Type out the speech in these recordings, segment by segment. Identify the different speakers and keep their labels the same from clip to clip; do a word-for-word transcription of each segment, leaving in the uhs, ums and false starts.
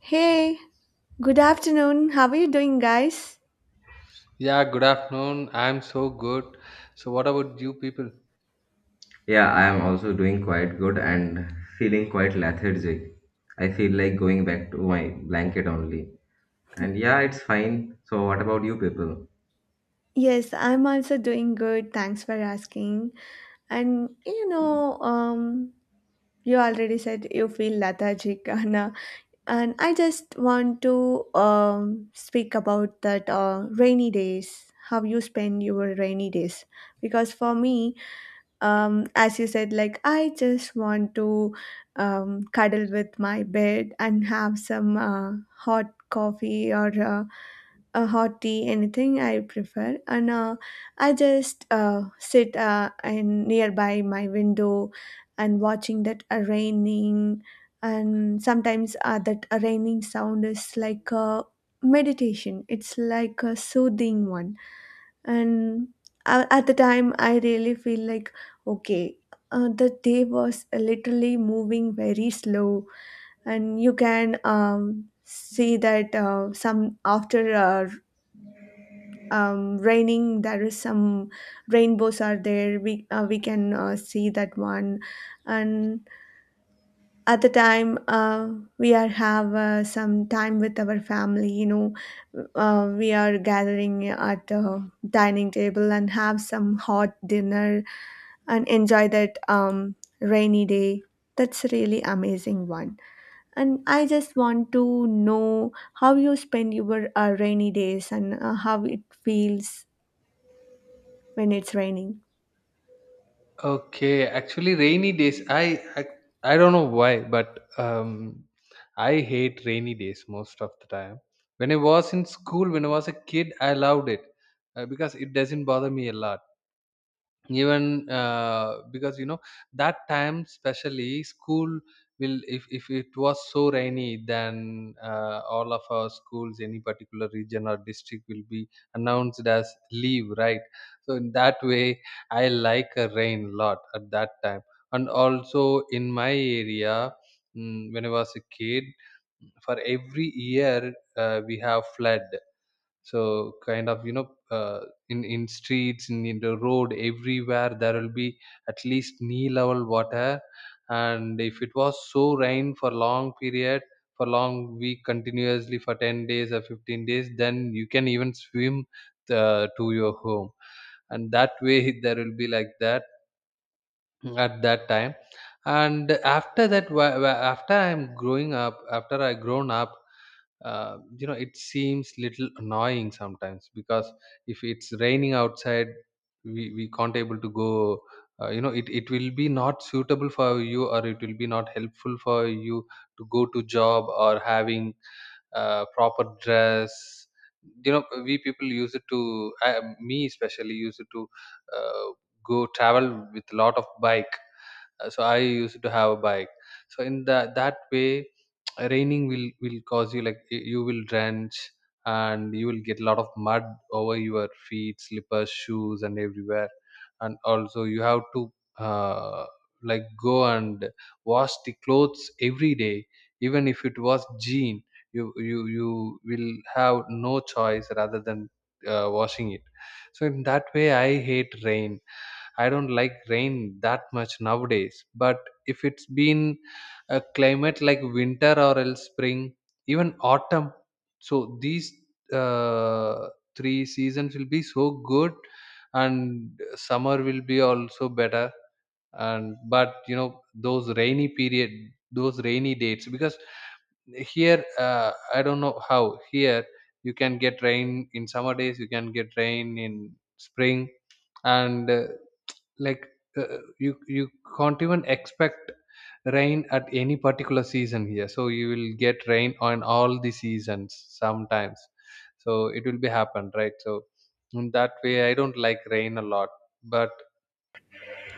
Speaker 1: Hey, good afternoon. How are you doing, guys?
Speaker 2: Yeah, good afternoon. I'm so good. So what about you people?
Speaker 3: Yeah, I am also doing quite good and feeling quite lethargic. I feel like going back to my blanket only. And yeah, it's fine. So, what about you people?
Speaker 1: Yes, I'm also doing good. Thanks for asking. And you know, um, you already said you feel lethargic, Anna, and I just want to um speak about that uh, rainy days. How you spend your rainy days? Because for me, um, as you said, like I just want to um, cuddle with my bed and have some uh, hot coffee or. Uh, a hot tea, anything I prefer. And uh, I just uh, sit uh, in nearby my window and watching that uh, raining. And sometimes uh, that uh, raining sound is like a meditation. It's like a soothing one. And uh, at the time, I really feel like okay. Uh, the day was literally moving very slow, and you can um, see that uh, some after uh, um, raining there is some rainbows are there, we uh, we can uh, see that one. And at the time uh, we are have uh, some time with our family, you know, uh, we are gathering at the dining table and have some hot dinner and enjoy that um, rainy day. That's a really amazing one, and I just want to know how you spend your uh, rainy days and uh, how it feels when it's raining.
Speaker 2: Okay, actually rainy days I I, I don't know why, but um I hate rainy days most of the time. When I was in school, when I was a kid, I loved it uh, because it doesn't bother me a lot. Even uh, because you know that time especially school will if, if it was so rainy, then uh, all of our schools any particular region or district will be announced as leave, right? So in that way I like a rain lot at that time. And also in my area, mm, when I was a kid, for every year uh, we have flood. So kind of, you know, uh, in in streets, in, in the road, everywhere there will be at least knee level water. And if it was so rain for long period, for long week continuously for ten days or fifteen days, then you can even swim uh, to your home. And that way there will be like that at that time. And after that, wh- wh- after i'm growing up after I grown up, uh, you know, it seems little annoying sometimes because if it's raining outside, we, we can't able to go. Uh, you know, it, it will be not suitable for you, or it will be not helpful for you to go to job or having uh, proper dress. You know, we people use it to I, me especially use it to uh, go travel with a lot of bike. Uh, so I used to have a bike. So in that that way raining will will cause you like y- you will drench, and you will get a lot of mud over your feet, slippers, shoes and everywhere. And also you have to uh, like go and wash the clothes every day, even if it was jean. You you you will have no choice rather than uh, washing it. So in that way I hate rain. I don't like rain that much nowadays. But if it's been a climate like winter or else spring, even autumn, so these uh, three seasons will be so good, and summer will be also better. And but you know those rainy period, those rainy dates, because here uh, I don't know how here you can get rain in summer days, you can get rain in spring. And uh, like, uh, uh, you you can't even expect rain at any particular season here, so you will get rain on all the seasons sometimes. So it will be happen, right? So in that way I don't like rain a lot. But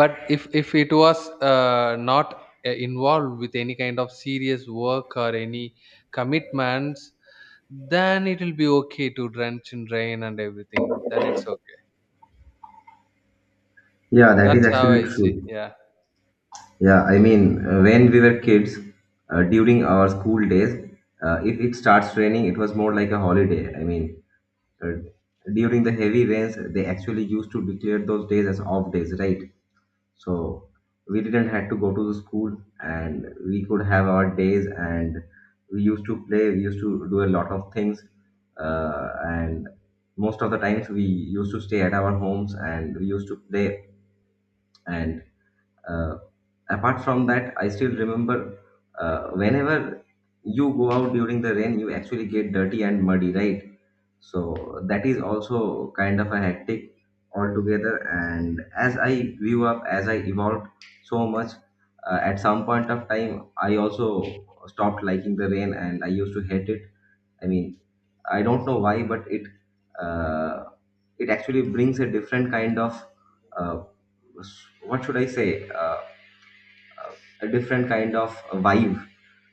Speaker 2: but if if it was uh, not uh, involved with any kind of serious work or any commitments, then it will be okay to drench in rain and everything, then it's okay.
Speaker 3: Yeah, that is
Speaker 2: That's how
Speaker 3: actually
Speaker 2: I see.
Speaker 3: true.
Speaker 2: Yeah.
Speaker 3: Yeah, I mean, uh, when we were kids, uh, during our school days, uh, if it starts raining, it was more like a holiday. I mean, uh, during the heavy rains, they actually used to declare those days as off days, right? So we didn't had to go to the school, and we could have our days and we used to play, we used to do a lot of things, uh, and most of the times we used to stay at our homes and we used to play. And uh, apart from that, I still remember, uh, whenever you go out during the rain, you actually get dirty and muddy, right? So that is also kind of a hectic altogether. And as I grew up, as I evolved so much, uh, at some point of time I also stopped liking the rain and I used to hate it. I mean, I don't know why, but it uh, it actually brings a different kind of, uh, what should I say? Uh, a different kind of vibe,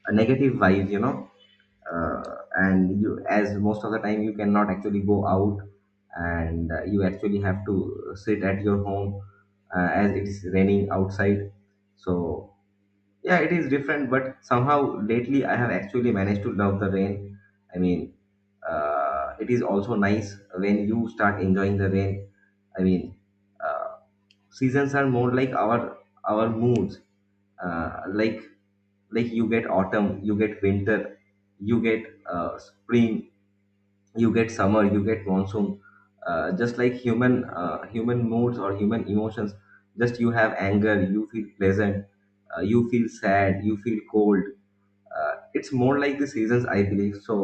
Speaker 3: a negative vibe, you know. uh, and you, as most of the time you cannot actually go out, and uh, you actually have to sit at your home, uh, as it is raining outside. So yeah, it is different, but somehow lately I have actually managed to love the rain. I mean, uh, it is also nice when you start enjoying the rain. I mean, uh, seasons are more like our our moods. uh, like, like you get autumn, you get winter, you get uh, spring, you get summer, you get monsoon. Uh, just like human uh, human moods or human emotions. Just, you have anger, you feel pleasant, uh, you feel sad, you feel cold. Uh, it's more like the seasons, I believe. So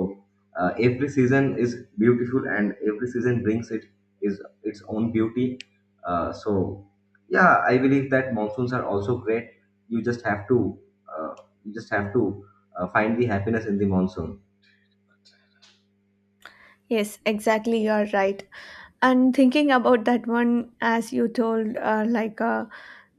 Speaker 3: uh, every season is beautiful, and every season brings it is its own beauty. Uh, so yeah, I believe that monsoons are also great. You just have to uh, you just have to uh, find the happiness in the monsoon.
Speaker 1: Yes, exactly. You're right. And thinking about that one, as you told, uh, like uh,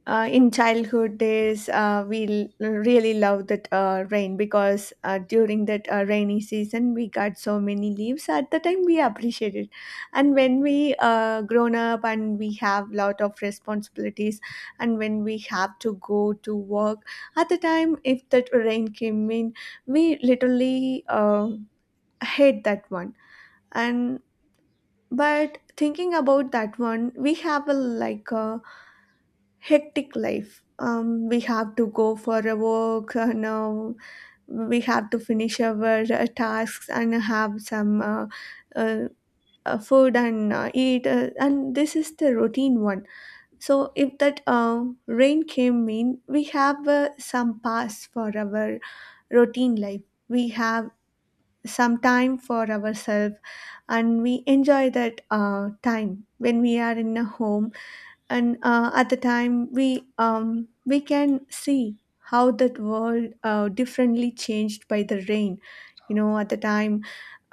Speaker 1: uh, in childhood days, uh, we l- really loved that uh, rain because uh, during that uh, rainy season, we got so many leaves. At the time, we appreciated, and when we uh, grown up and we have lot of responsibilities, and when we have to go to work, at the time, if that rain came in, we literally. Uh, I hate that one. And but thinking about that one, we have a like a hectic life. Um, we have to go for a walk. And Uh, now we have to finish our uh, tasks and have some uh, uh, uh, food and uh, eat. Uh, and this is the routine one. So if that uh, rain came in, we have uh, some pass for our routine life. We have some time for ourselves, and we enjoy that uh, time when we are in a home. And uh, at the time we um, we can see how that world uh, differently changed by the rain, you know, at the time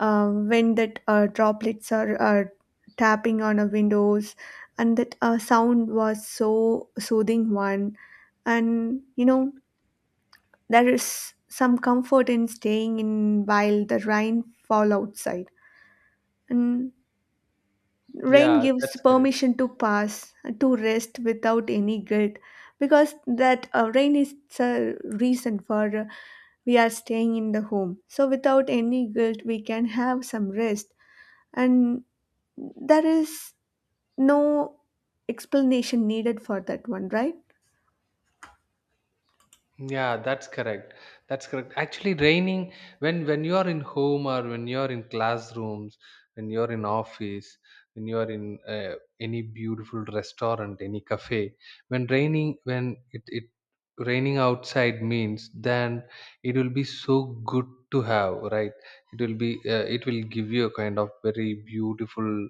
Speaker 1: uh, when that uh, droplets are, are tapping on our windows, and that uh, sound was so soothing one. And you know, there is some comfort in staying in while the rain fall outside, and rain
Speaker 2: Yeah,
Speaker 1: gives
Speaker 2: that's correct.
Speaker 1: permission to pass, to rest without any guilt, because that uh, rain is the reason for uh, we are staying in the home. So without any guilt, we can have some rest, and there is no explanation needed for that one, right?
Speaker 2: Yeah, that's correct. That's correct. Actually, raining, when when you are in home, or when you are in classrooms, when you are in office, when you are in uh, any beautiful restaurant, any cafe, when raining, when it it raining outside means, then it will be so good to have, right? It will be uh, it will give you a kind of very beautiful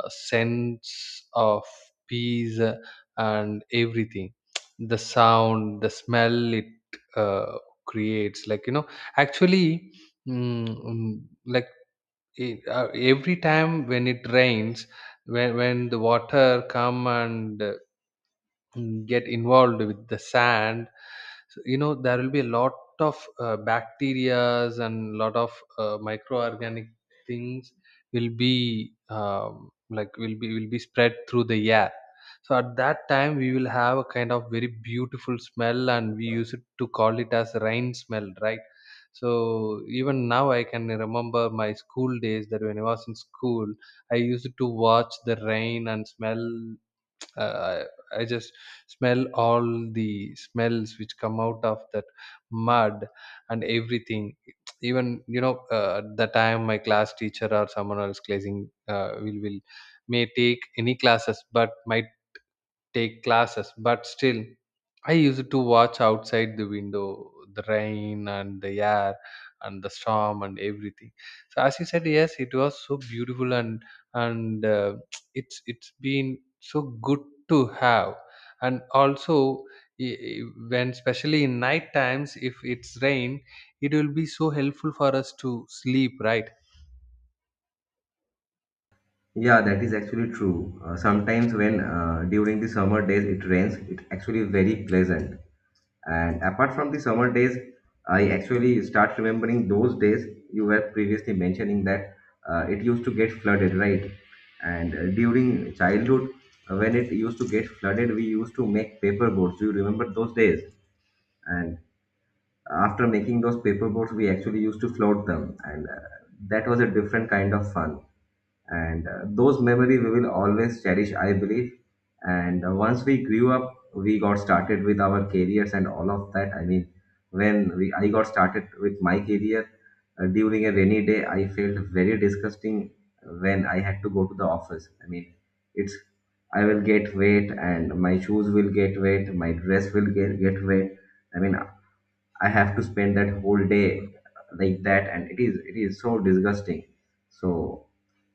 Speaker 2: a sense of peace uh, and everything, the sound, the smell. It uh, creates like, you know, actually mm, mm, like it, uh, every time when it rains, when, when the water come and uh, mm, get involved with the sand. So, you know, there will be a lot of uh, bacterias and lot of uh, microorganic things will be um, like will be will be spread through the air. So at that time we will have a kind of very beautiful smell, and we use it to call it as rain smell, right? So even now I can remember my school days that when I was in school, I used to watch the rain and smell. Uh, I, I just smell all the smells which come out of that mud and everything. Even, you know, uh, at the time my class teacher or someone else classing uh, will will may take any classes, but my take classes, but still, I used to watch outside the window the rain and the air and the storm and everything. So as you said, yes, it was so beautiful. And and uh, it's it's been so good to have. And also, i- i- when especially in night times, if it's rain, it will be so helpful for us to sleep, right?
Speaker 3: Yeah, that is actually true. Uh, sometimes when uh, during the summer days it rains, it actually very pleasant. And apart from the summer days, I actually start remembering those days you were previously mentioning that, uh, it used to get flooded, right? And uh, during childhood, uh, when it used to get flooded, we used to make paper boats. Do you remember those days? And after making those paper boats, we actually used to float them, and uh, that was a different kind of fun. And uh, those memory we will always cherish, I believe. And uh, once we grew up, we got started with our careers and all of that. I mean, when we I got started with my career. Uh, during a rainy day I felt very disgusting when I had to go to the office. I mean, it's, I will get wet, and my shoes will get wet, my dress will get, get wet. I mean, I have to spend that whole day like that, and it is it is so disgusting. So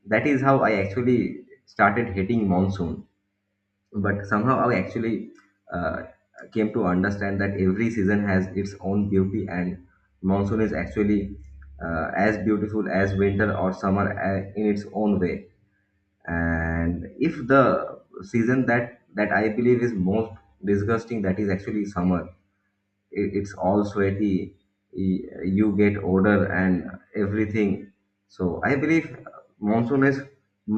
Speaker 3: that is how I actually started hating monsoon. But somehow I actually uh, came to understand that every season has its own beauty, and monsoon is actually uh, as beautiful as winter or summer uh, in its own way. And if the season that that I believe is most disgusting, that is actually summer. It, it's all sweaty, y- you get odor and everything. So I believe monsoon is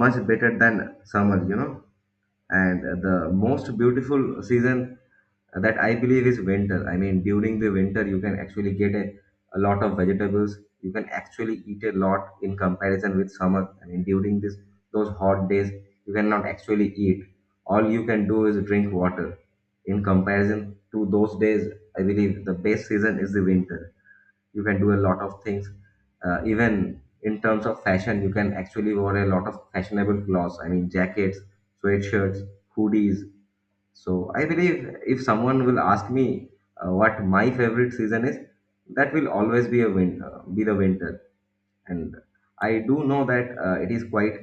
Speaker 3: much better than summer, you know. And the most beautiful season that I believe is winter. I mean, during the winter you can actually get a, a lot of vegetables, you can actually eat a lot in comparison with summer. I mean, during this those hot days, you cannot actually eat. All you can do is drink water. In comparison to those days, I believe the best season is the winter. You can do a lot of things. Uh, even in terms of fashion, you can actually wear a lot of fashionable clothes. I mean, jackets, sweatshirts, hoodies. So I believe if someone will ask me uh, what my favorite season is, that will always be a win uh, be the winter. And I do know that uh, it is quite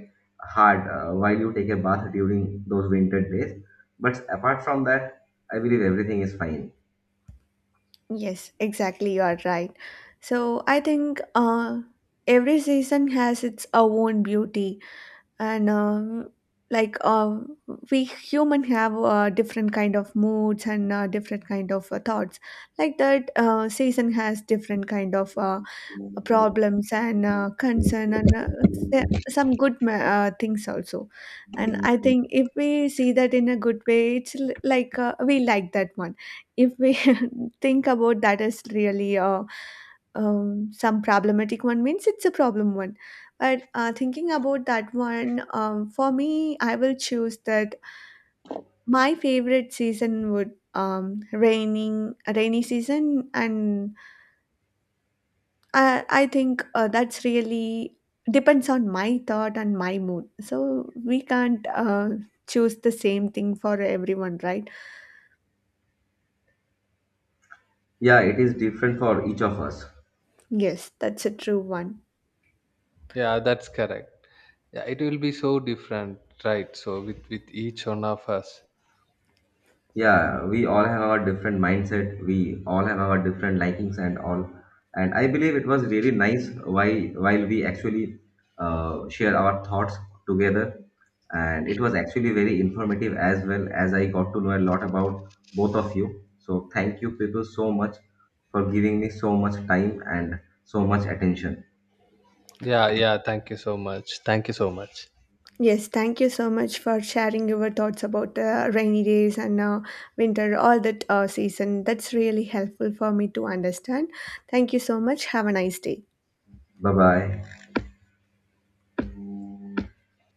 Speaker 3: hard uh, while you take a bath during those winter days, but apart from that, I believe everything is fine.
Speaker 1: Yes, exactly. You are right. So I think uh, every season has its own beauty and uh, like uh, we human have uh, different kind of moods and uh, different kind of uh, thoughts. Like that uh, season has different kind of uh, problems and uh, concern and uh, s- some good ma- uh, things also. And I think if we see that in a good way, it's l- like uh, we like that one. If we think about that as really uh, um, some problematic one, means it's a problem one. But uh, thinking about that one, um, for me, I will choose that my favorite season would um, raining rainy season. And I I think uh, that's really depends on my thought and my mood. So we can't uh, choose the same thing for everyone, right?
Speaker 3: Yeah, it is different for each of us.
Speaker 1: Yes, that's a true one.
Speaker 2: Yeah, that's correct. Yeah, it will be so different, right? So with with each one of us.
Speaker 3: Yeah, we all have our different mindset, we all have our different likings and all. And I believe it was really nice while while we actually uh, share our thoughts together. And it was actually very informative, as well as I got to know a lot about both of you. So thank you people so much for giving me so much time and so much attention.
Speaker 2: Yeah, yeah. Thank you so much. Thank you so much.
Speaker 1: Yes, thank you so much for sharing your thoughts about uh, rainy days and uh, winter, all that uh, season. That's really helpful for me to understand. Thank you so much. Have a nice day.
Speaker 3: Bye bye.